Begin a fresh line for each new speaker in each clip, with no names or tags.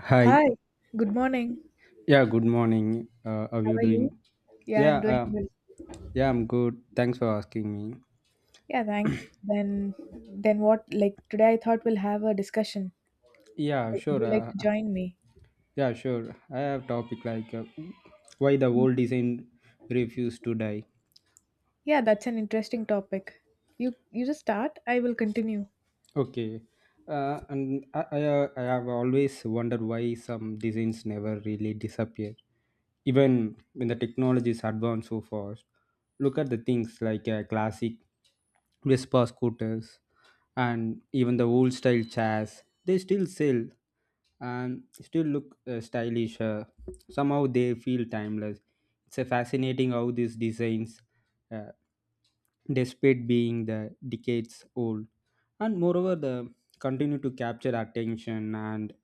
Hi.
Hi, good morning.
Yeah, good morning. How
How
you
are you?
doing?
Yeah,
Yeah,
I'm doing
uh,
well.
yeah, I'm good. Thanks for asking me.
Yeah, thank. Then, then what? Like today, I thought we'll have a discussion.
Yeah,
Like, would
sure.
you like
Uh,
to join me?
yeah, sure. I have topic like why the old design refuse to die.
Yeah, that's an interesting topic. You just start. I will continue.
Okay. And I have always wondered why some designs never really disappear, even when the technology is advanced so fast. Look at the things like classic Vespa scooters and even the old style chairs. They still sell and still look stylish. Somehow they feel timeless. It's a fascinating how these designs. uh, despite being the decades old and moreover the continue to capture attention, and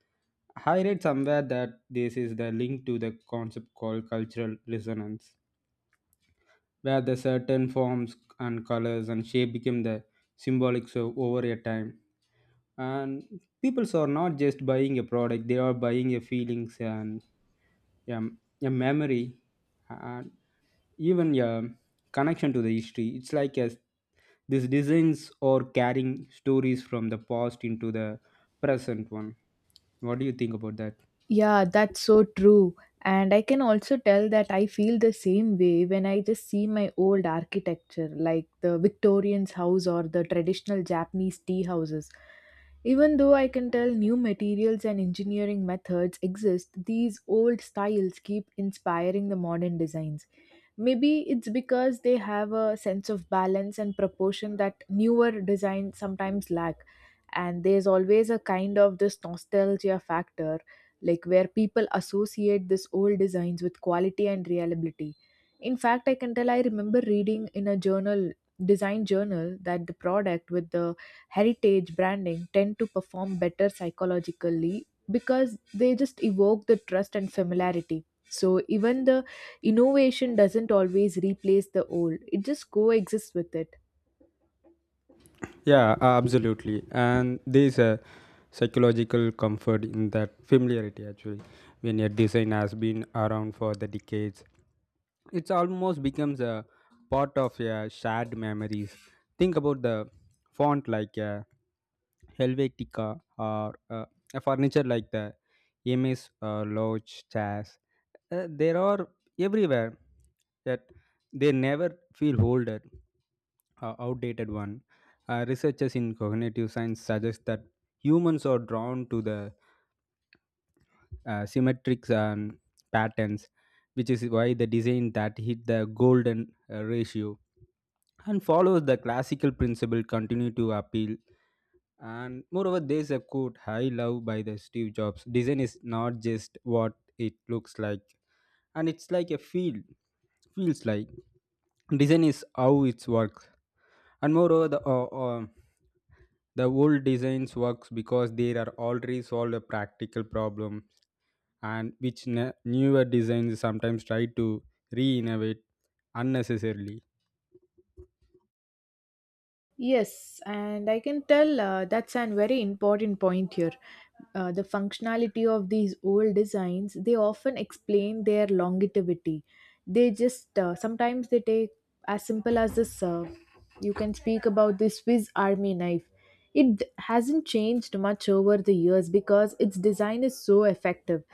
I read somewhere that this is the link to the concept called cultural resonance where the certain forms and colors and shape became the symbolics of over a time. And people are not just buying a product; they are buying a feelings and yeah, a memory and even a connection to the history. It's like as these designs are carrying stories from the past into the present one. What do you think about that?
Yeah, that's so true. And I can also tell that I feel the same way when I just see my old architecture, like the Victorian's house or the traditional Japanese tea houses. Even though I can tell new materials and engineering methods exist, these old styles keep inspiring the modern designs. Maybe it's because they have a sense of balance and proportion that newer designs sometimes lack. And there's always a kind of this nostalgia factor, like where people associate this old designs with quality and reliability. In fact, I can tell I remember reading in a journal, design journal, that the product with the heritage branding tend to perform better psychologically because they just evoke the trust and familiarity. So even the innovation doesn't always replace the old, it just coexists with it.
Yeah, absolutely. And there's a psychological comfort in that familiarity actually. When a design has been around for the decades, it's almost becomes a part of your shared memories think about the font like a helvetica or a furniture like the ms lodge chairs there are everywhere that they never feel older outdated one. Researchers in cognitive science suggest that humans are drawn to the symmetric patterns, which is why the design that hit the golden ratio and follows the classical principle continue to appeal. And moreover, there's a quote I love by the Steve Jobs: "Design is not just what it looks like, and it's like a feels like. Design is how it works." And moreover, the old designs works because they are already solved a practical problem and which newer designs sometimes try to re-innovate unnecessarily.
Yes, and I can tell that's a very important point here. The functionality of these old designs, they often explain their longevity. They just sometimes they take as simple as this. You can speak about the Swiss Army knife. It hasn't changed much over the years because its design is so effective.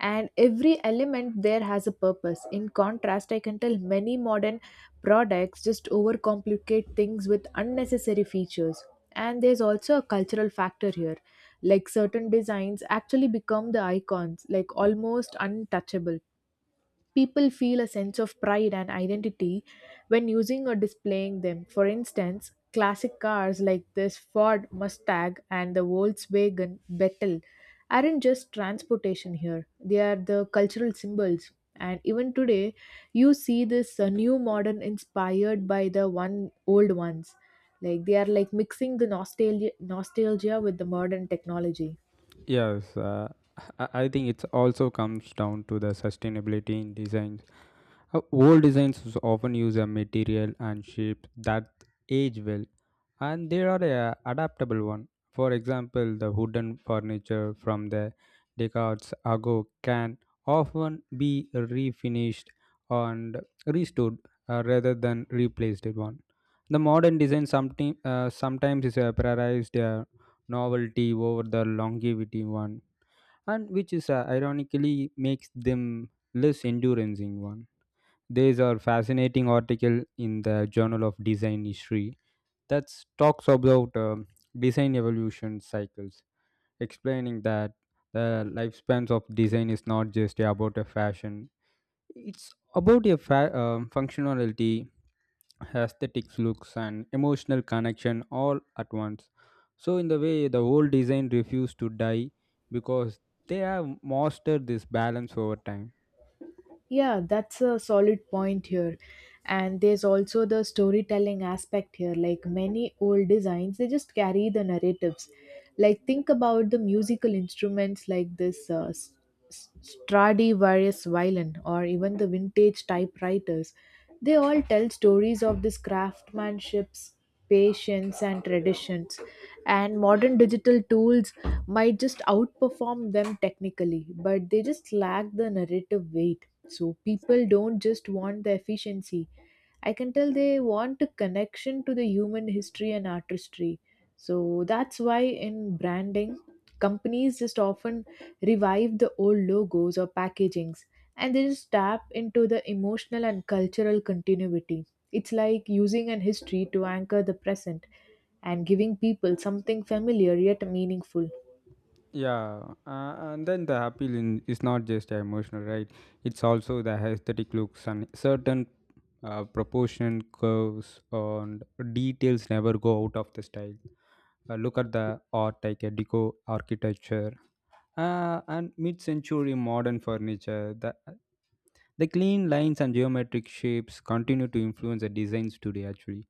And every element there has a purpose. In contrast, I can tell many modern products just overcomplicate things with unnecessary features. And there's also a cultural factor here, like certain designs actually become the icons, like almost untouchable. People feel a sense of pride and identity when using or displaying them. For instance, classic cars like this Ford Mustang and the Volkswagen Beetle aren't just transportation here, they are the cultural symbols. And even today, you see this new modern inspired by the one old ones. Like they are like mixing the nostalgia with the modern technology.
Yes, I think it also comes down to the sustainability in design. Old designs often use a material and shape that age well, and they are a adaptable one. For example, the wooden furniture from the decades ago can often be refinished and restored rather than replaced one. The modern design something, sometimes is a prioritized novelty over the longevity one, and which is ironically makes them less enduring one. There's a fascinating article in the Journal of Design History that talks about design evolution cycles, explaining that the lifespans of design is not just about a fashion. It's about a functionality, aesthetics, looks, and emotional connection all at once. So, in the way, the old design refused to die because they have mastered this balance over time.
Yeah, that's a solid point here. And there's also the storytelling aspect here. Like many old designs, they just carry the narratives. Like think about the musical instruments like this Stradivarius violin or even the vintage typewriters. They all tell stories of this craftsmanship's patience and traditions, and modern digital tools might just outperform them technically, but they just lack the narrative weight. So people don't just want the efficiency, I can tell they want a connection to the human history and artistry. So that's why in branding, companies just often revive the old logos or packagings, and they just tap into the emotional and cultural continuity. It's like using an history to anchor the present and giving people something familiar yet meaningful.
Yeah, and then the appeal in, is not just emotional, right? It's also the aesthetic looks and certain proportion curves and details never go out of the style. Look at the art like a deco architecture and mid-century modern furniture. The clean lines and geometric shapes continue to influence the designs today. Actually,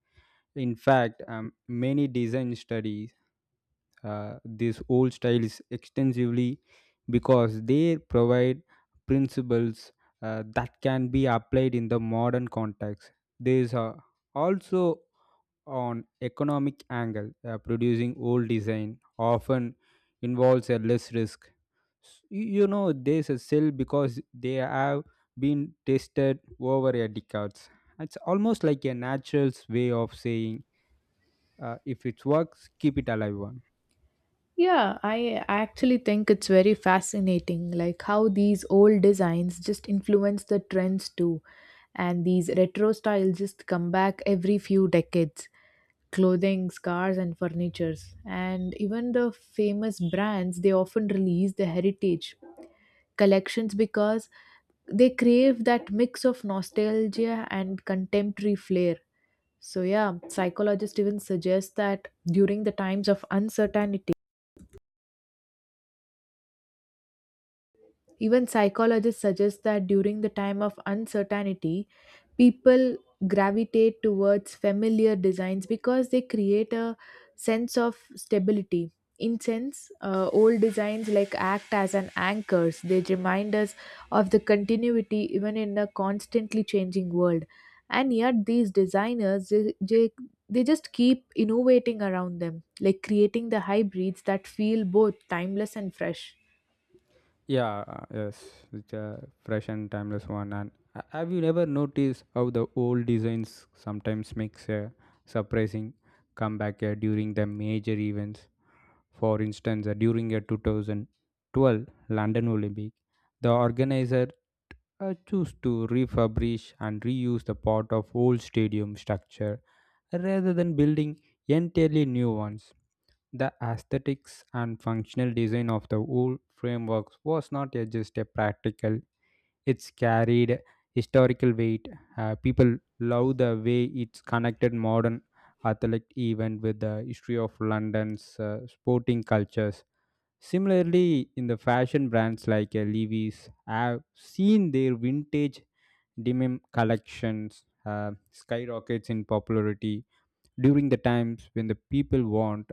in fact, many design studies these old styles extensively because they provide principles that can be applied in the modern context. There is also on economic angle producing old design often involves a less risk you know there's a sell because they have been tested over a decades. It's almost like a natural way of saying if it works keep it alive one.
Yeah, I actually think it's very fascinating, like how these old designs just influence the trends too, and these retro styles just come back every few decades. Clothing, scarves, and furnitures, and even the famous brands, they often release the heritage collections because they crave that mix of nostalgia and contemporary flair. So, yeah, psychologists even suggest that during the times of uncertainty, even psychologists suggest that during the time of uncertainty, people gravitate towards familiar designs because they create a sense of stability. In sense, old designs like act as an anchors. They remind us of the continuity even in a constantly changing world. And yet, these designers they just keep innovating around them, like creating the hybrids that feel both timeless and fresh.
Yeah, uh, yes, it's a fresh and timeless one. And have you never noticed how the old designs sometimes makes a surprising comeback during the major events? For instance, during a 2012 London Olympic, the organizer I choose to refurbish and reuse the part of old stadium structure rather than building entirely new ones. The aesthetics and functional design of the old frameworks was not just a practical, it's carried historical weight. People love the way it's connected modern athletic event with the history of London's sporting cultures. Similarly, in the fashion brands like Levi's, have seen their vintage denim collections skyrockets in popularity during the times when the people want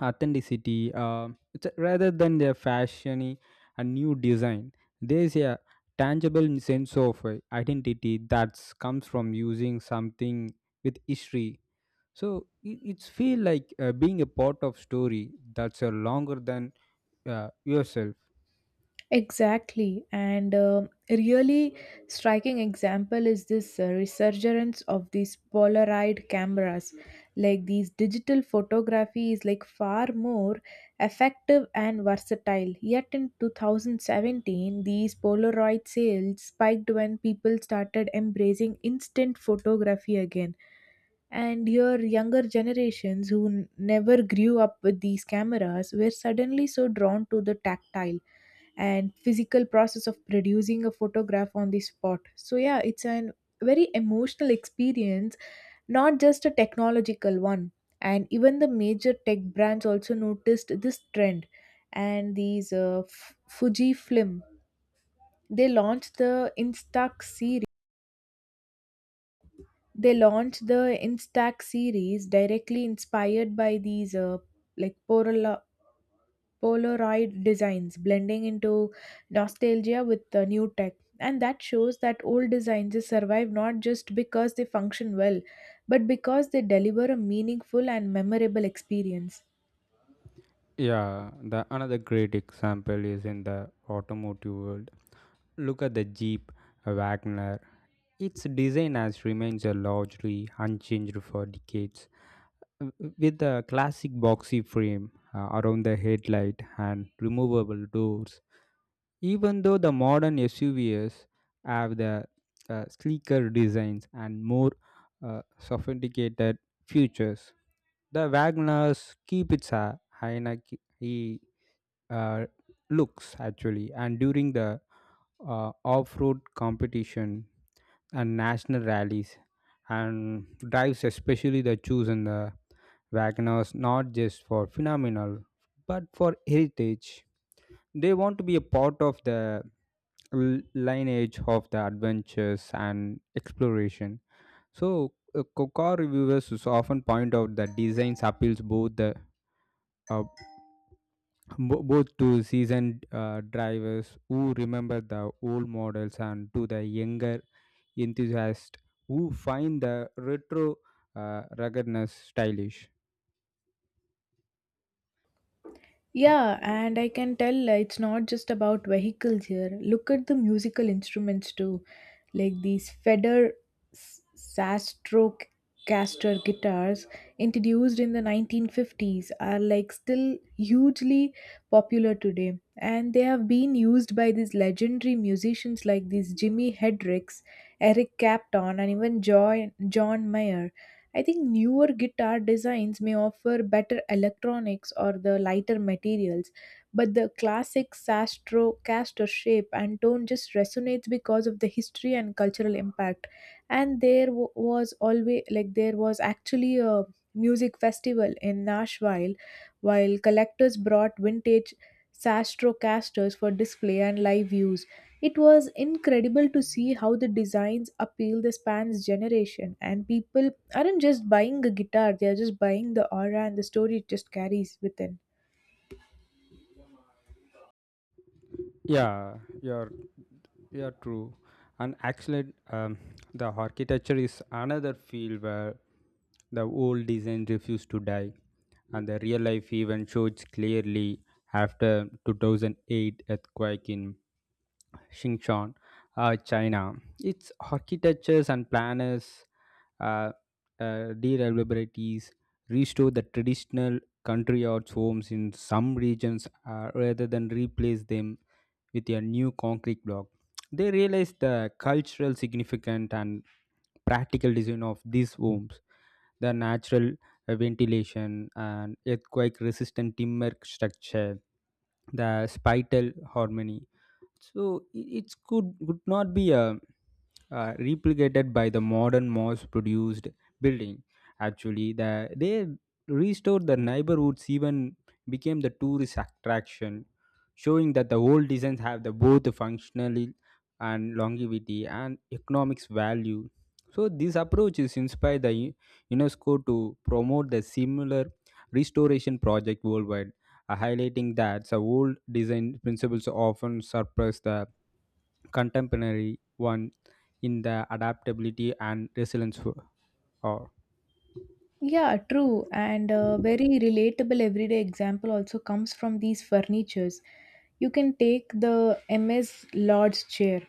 authenticity rather than their fashiony and new design. There's a tangible sense of identity that comes from using something with history. So it's feel like being a part of story that's longer than yourself.
Exactly, and a really striking example is this resurgence of these Polaroid cameras. Like these digital photography is like far more effective and versatile. Yet in 2017, these Polaroid sales spiked when people started embracing instant photography again, and your younger generations who never grew up with these cameras were suddenly so drawn to the tactile and physical process of producing a photograph on the spot. So yeah, it's an very emotional experience, not just a technological one. And even the major tech brands also noticed this trend, and these fujifilm, they launched the instax series they launched the instax series directly inspired by these like polaroid Polaroid designs, blending into nostalgia with the new tech. And that shows that old designs, they survive not just because they function well, but because they deliver a meaningful and memorable experience.
Yeah, the another great example is in the automotive world. Look at the Jeep Wagner. Its design has remained largely unchanged for decades, with the classic boxy frame around the headlight and removable doors. Even though the modern SUVs have the sleeker designs and more sophisticated features, the Wagners keep its hierarchy uh, looks actually, and during the off-road competition and national rallies and drives especially the choose and the wagoners not just for phenomenal but for heritage, they want to be a part of the lineage of the adventures and exploration. So car reviewers is often point out that designs appeals both the uh, both to seasoned drivers who remember the old models and to the younger enthusiasts who find the retro ruggedness stylish. Uh,
Yeah, and I can tell it's not just about vehicles here. Look at the musical instruments too, like these Stratocaster guitars introduced in the 1950s are like still hugely popular today, and they have been used by these legendary musicians like these Jimi Hendrix, Eric Clapton, and even John Mayer. I think newer guitar designs may offer better electronics or the lighter materials, but the classic sastro caster shape and tone just resonates because of the history and cultural impact. And there wa- was always like there was actually a music festival in Nashville, while collectors brought vintage Sastrocasters for display and live use. It was incredible to see how the designs appeal the spans generation, and people aren't just buying a guitar, they are just buying the aura and the story it just carries within.
yeah, you're Yeah, true. And actually, the architecture is another field where the old design refused to die, and the real life even shows clearly after 2008 earthquake in Xinjiang, China. Its architectures and planners, uh, deliberabilities restore the traditional country arts homes in some regions rather than replace them with a new concrete block. They realized the cultural significance and practical design of these homes, the natural ventilation and earthquake resistant timber structure, the spital harmony so it could not be replicated by the modern mass produced building. Actually, they restored the neighborhoods even became the tourist attraction, showing that the old designs have the both functionality and longevity and economics value. So this approach is inspired the UNESCO to promote the similar restoration project worldwide highlighting that the old design principles often surpass the contemporary one in the adaptability and resilience. Or
Yeah, true. And a very relatable everyday example also comes from these furnitures. You can take the MS Lord's chair.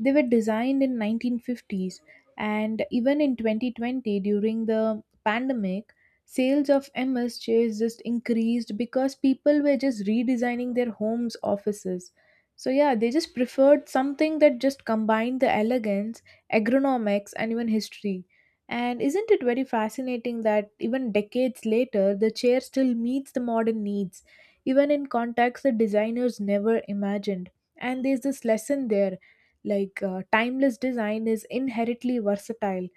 They were designed in 1950s, and even in 2020 during the pandemic, sales of MS chairs just increased because people were just redesigning their homes, offices. So yeah, they just preferred something that just combined the elegance, ergonomics, and even history. And isn't it very fascinating that even decades later, the chair still meets the modern needs, even in contexts the designers never imagined? And there's this lesson there, like, timeless design is inherently versatile.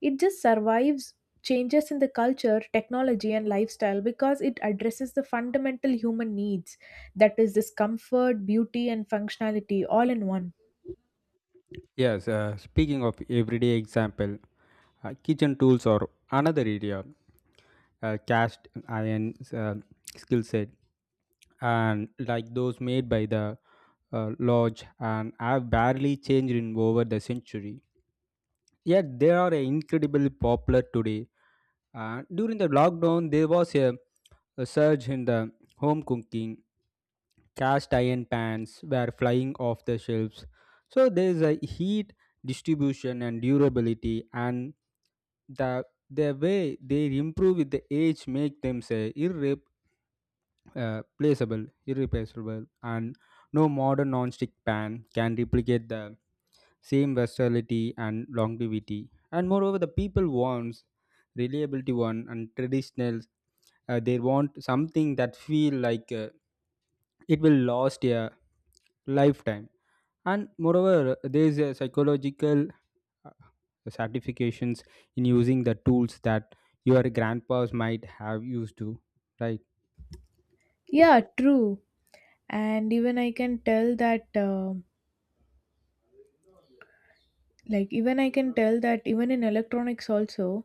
It just survives changes in the culture, technology, and lifestyle because it addresses the fundamental human needs, that is, this comfort, beauty, and functionality all in one.
yes, speaking of everyday example, kitchen tools are another area. Cast iron skill set and like those made by the lodge and have barely changed in over the century. Yet they are incredibly popular today. During the lockdown, there was a surge in the home cooking. Cast iron pans were flying off the shelves. So there is a heat distribution and durability, and the the way they improve with the age make them say irreplaceable, and no modern non-stick pan can replicate the same versatility and longevity. And moreover, the people wants reliability one and traditional. They want something that feel like it will last a lifetime. And moreover, there is a psychological uh, certifications in using the tools that your grandpas might have used to, right?
Yeah, true. And even I can tell that even in electronics also,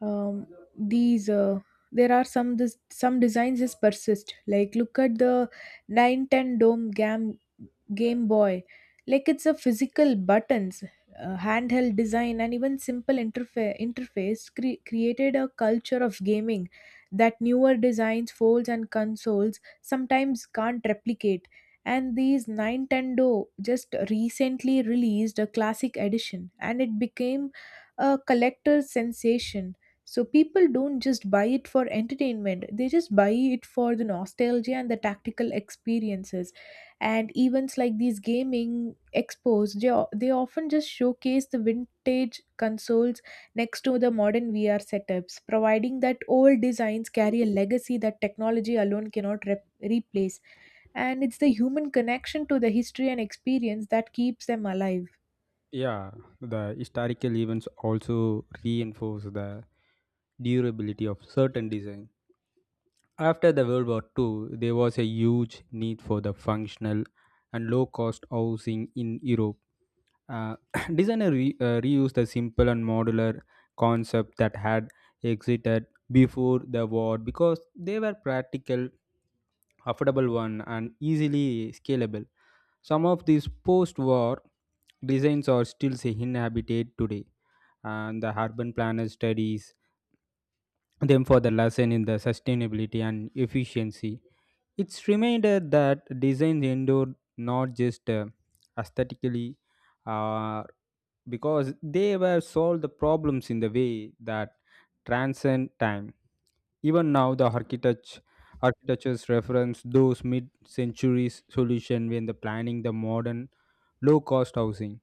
um, these there are some designs just persist, like look at the 910 dome gam Game Boy. Like it's a physical buttons, handheld design, and even simple interface created a culture of gaming that newer designs, folds, and consoles sometimes can't replicate. And these Nintendo just recently released a classic edition, and it became a collector's sensation. So people don't just buy it for entertainment; they just buy it for the nostalgia and the tactical experiences, and events like these gaming expos, they often just showcase the vintage consoles next to the modern VR setups, providing that old designs carry a legacy that technology alone cannot replace. And it's the human connection to the history and experience that keeps them alive.
Yeah, the historical events also reinforce the durability of certain design. After the World War Two, there was a huge need for the functional and low-cost housing in Europe. Uh, designer reused the simple and modular concept that had existed before the war because they were practical, affordable one, and easily scalable. Some of these post war designs are still inhabited today, and the urban planner studies them for the lesson in the sustainability and efficiency. It's reminder that designs endure not just aesthetically, uh, because they were solved the problems in the way that transcend time. Even now, the architectures reference those mid-centuries solution when the planning the modern low-cost housing.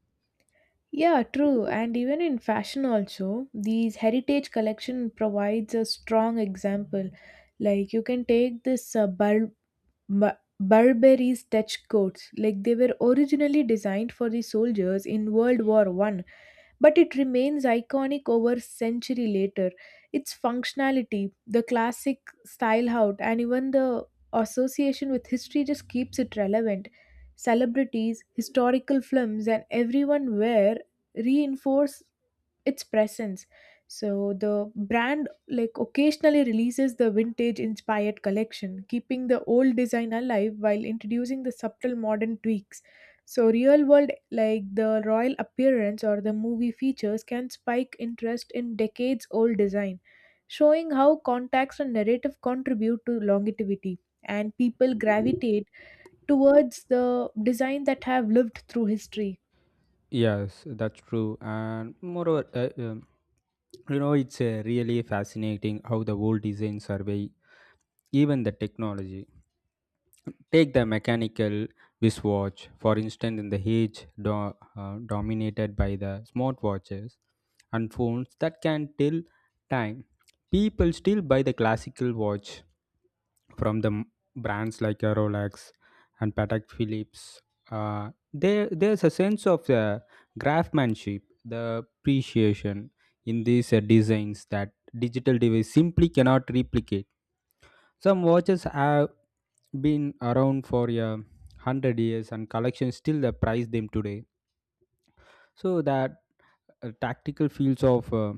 Yeah, true. And even in fashion also, these heritage collection provides a strong example. Like you can take this Burberry's Dutch coats, like they were originally designed for the soldiers in World War I, but it remains iconic over a century later. Its functionality, the classic style out, and even the association with history just keeps it relevant. Celebrities, historical films, and everyone wear reinforce its presence. So the brand like occasionally releases the vintage inspired collection, keeping the old design alive while introducing the subtle modern tweaks. So real world like the royal appearance or the movie features can spike interest in decades old design, showing how context and narrative contribute to longevity, and people gravitate towards the design that have lived through history.
Yes, that's true. And moreover, you know, it's really fascinating how the world design survey, even the technology. Take the mechanical wristwatch, for instance, in the age dominated by the smartwatches and phones that can tell time. People still buy the classical watch from the brands like Rolex and Patek Philips. There's a sense of the craftsmanship, the appreciation in these designs that digital device simply cannot replicate. Some watches have been around for 100 years, and collections still prize them today. So that tactical fields of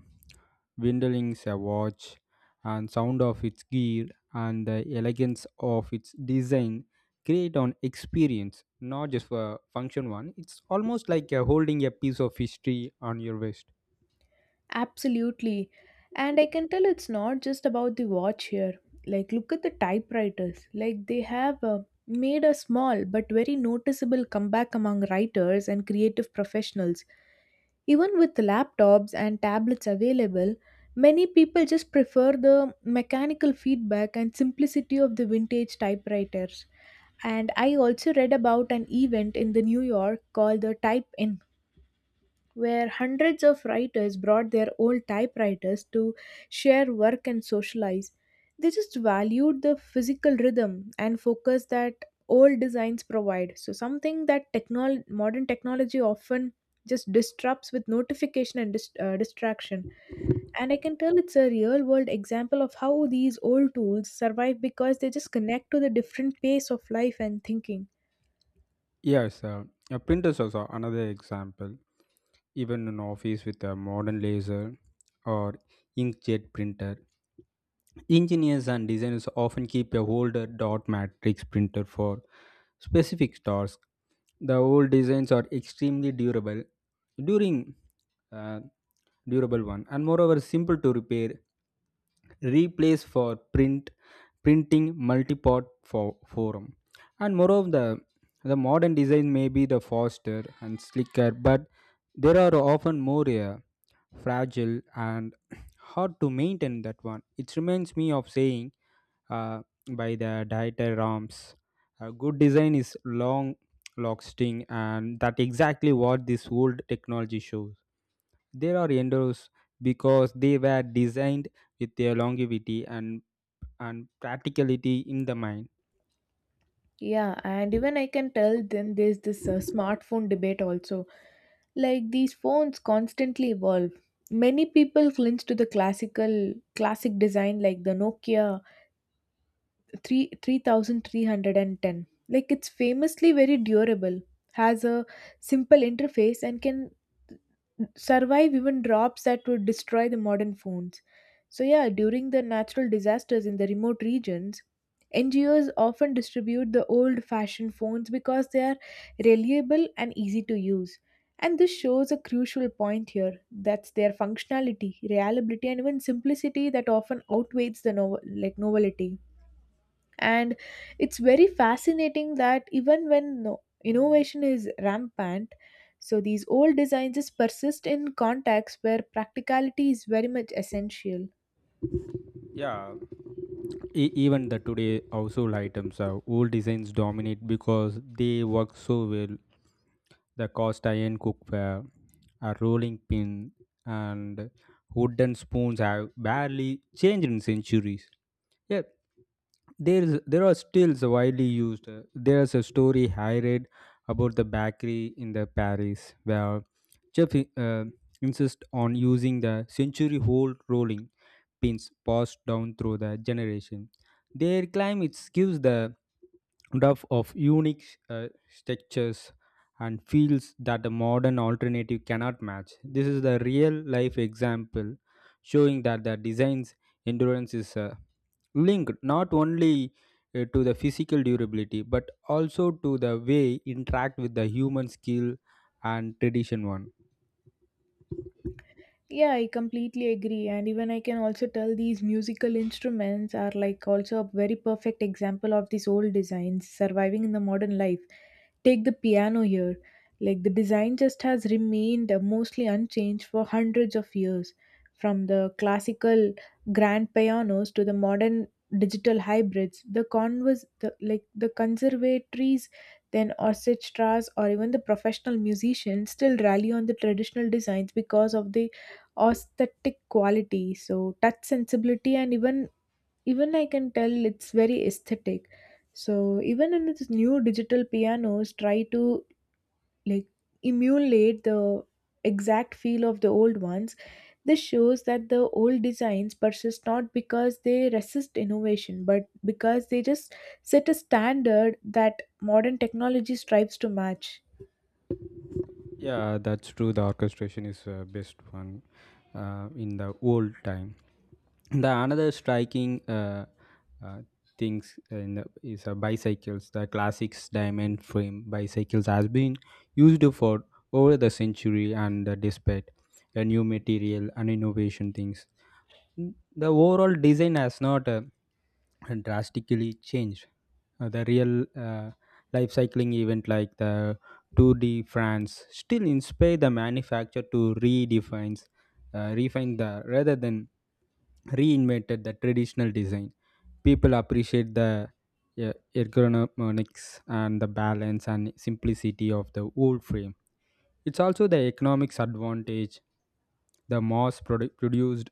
Windeling's watch and sound of its gear and the elegance of its design create an experience, not just for function one. It's almost like holding a piece of history on your wrist.
Absolutely. And I can tell it's not just about the watch here. Like, look at the typewriters. Like, they have made a small but very noticeable comeback among writers and creative professionals. Even with laptops and tablets available, many people just prefer the mechanical feedback and simplicity of the vintage typewriters. And I also read about an event in the New York called the Type, where hundreds of writers brought their old typewriters to share work and socialize. They just valued the physical rhythm and focus that old designs provide. So, something that modern technology often just disrupts with notification and distraction. And I can tell it's a real world example of how these old tools survive because they just connect to the different pace of life and thinking.
Yes, printers also another example. Even in office with a modern laser or inkjet printer, engineers and designers often keep a older dot matrix printer for specific tasks. The old designs are extremely durable, during uh, durable one, and moreover simple to repair replace for printing multipart for forum, and moreover the modern design may be the faster and slicker, but there are often more fragile and hard to maintain that one. It reminds me of saying uh, by the dieter rams, a good design is long lasting, and that exactly what this old technology shows. There are endeavors because they were designed with their longevity and practicality in the mind.
Yeah, and even I can tell then there's this smartphone debate also. Like these phones constantly evolve. Many people cling to the classic design like the Nokia three 3310, like it's famously very durable, has a simple interface, and can survive even drops that would destroy the modern phones. So yeah, during the natural disasters in the remote regions, NGOs often distribute the old fashioned phones because they are reliable and easy to use. And this shows a crucial point here, that's their functionality, reliability, and even simplicity that often outweighs the novelty. And it's very fascinating that even when innovation is rampant, so these old designs just persist in contexts where practicality is very much essential.
Yeah, even the today household items are old designs dominate because they work so well. The cast iron cookware, a rolling pin, and wooden spoons have barely changed in centuries. Yeah. There are stills widely used. There's a story I read about the bakery in the paris where chef insist on using the century old rolling pins passed down through the generation. Their claim it gives the dove of unique uh, textures and feels that the modern alternative cannot match. This is the real life example showing that the design's endurance is linked not only to the physical durability but also to the way interact with the human skill and tradition one.
Yeah, I completely agree. And even I can also tell these musical instruments are like also a very perfect example of these old designs surviving in the modern life. Take the piano here. Like the design just has remained mostly unchanged for hundreds of years, from the classical grand pianos to the modern digital hybrids. The conservatories, then orchestras, or even the professional musicians still rally on the traditional designs because of the aesthetic quality, so touch sensibility, and even, even I can tell it's very aesthetic. So even in its new digital pianos try to like emulate the exact feel of the old ones. This shows that the old designs persist not because they resist innovation, but because they just set a standard that modern technology strives to match.
Yeah, that's true, the orchestration is best one in the old time. The another striking uh, things in is bicycles. The classics diamond frame bicycles has been used for over the century, and despite a new material and innovation things, the overall design has not drastically changed. The real life cycling event like the 2D France still inspire the manufacturer to redefine, refine the rather than reinvented the traditional design. People appreciate the ergonomics and the balance and simplicity of the old frame. It's also the economics advantage, the produced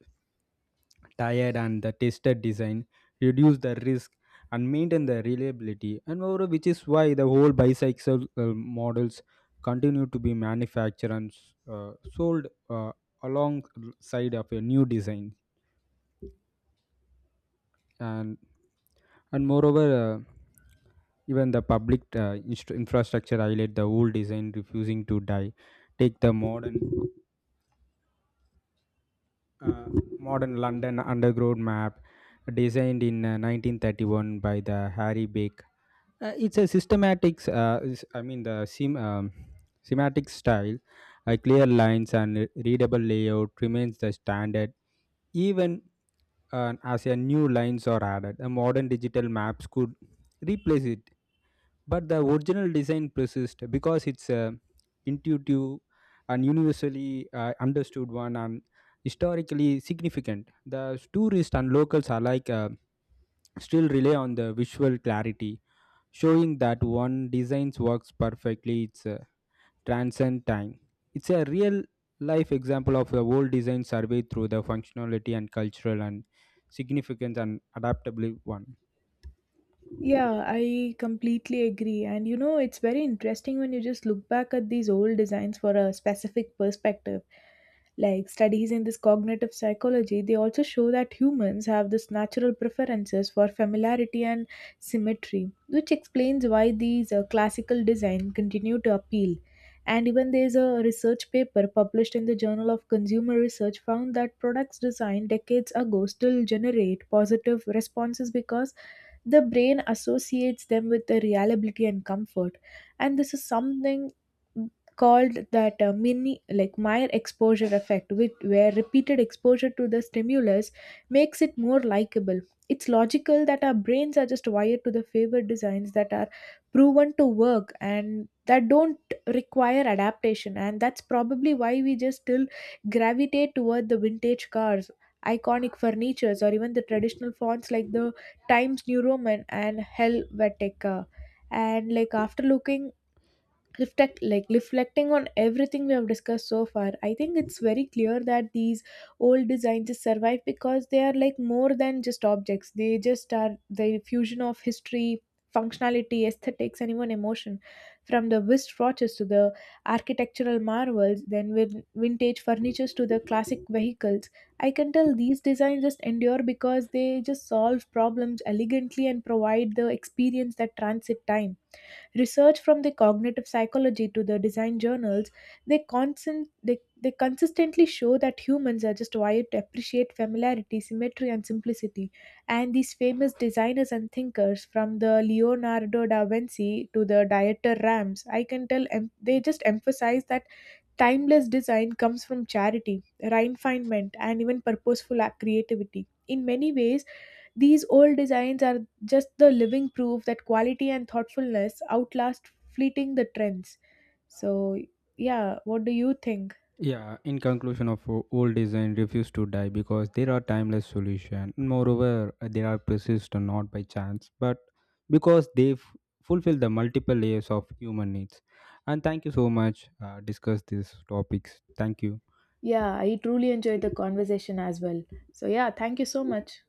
tired and the tested design, reduce the risk and maintain the reliability. And moreover, which is why the whole bicycle models continue to be manufactured and sold alongside of a new design. And and moreover, even the public infrastructure highlight the old design refusing to die. Take the uh, modern London underground map designed in 1931 by the Harry Bake. It's a systematic, I mean the semantic style, clear lines and readable layout remains the standard even as a new lines are added. A modern digital maps could replace it, but the original design persists because it's intuitive and universally understood one, and historically significant. The tourists and locals alike still rely on the visual clarity, showing that one design works perfectly, it's transcend time. It's a real life example of a world design survey through the functionality and cultural and significance and adaptable one.
Yeah, I completely agree. And you know, it's very interesting when you just look back at these old designs for a specific perspective. Like studies in this cognitive psychology, they also show that humans have this natural preferences for familiarity and symmetry, which explains why these classical design continue to appeal. And even there's a research paper published in the Journal of Consumer Research found that products designed decades ago still generate positive responses because the brain associates them with the reliability and comfort. And this is something called that mini like Meyer exposure effect, which where repeated exposure to the stimulus makes it more likable. It's logical that our brains are just wired to the favored designs that are proven to work and that don't require adaptation. And that's probably why we just still gravitate toward the vintage cars, iconic furnitures, or even the traditional fonts like the Times New Roman and Helvetica. And like after looking reflect like reflecting on everything we have discussed so far, I think it's very clear that these old designs just survive because they are like more than just objects. They just are the fusion of history, functionality, aesthetics, and even emotion. From the wristwatches to the architectural marvels, then with vintage furnitures to the classic vehicles, I can tell these designs just endure because they just solve problems elegantly and provide the experience that transit time. Research from the cognitive psychology to the design journals, they consistently show that humans are just wired to appreciate familiarity, symmetry, and simplicity. And these famous designers and thinkers, from the Leonardo da Vinci to the Dieter Rams, I can tell they just emphasize that timeless design comes from charity, refinement, and even purposeful creativity. In many ways, these old designs are just the living proof that quality and thoughtfulness outlast fleeting the trends. So, yeah, what do you think?
Yeah, in conclusion of old design refuse to die because there are timeless solution. Moreover, they are persistent not by chance, but because they fulfill the multiple layers of human needs. And thank you so much. Discuss these topics. Thank you.
Yeah, I truly enjoyed the conversation as well. So, yeah, thank you so much.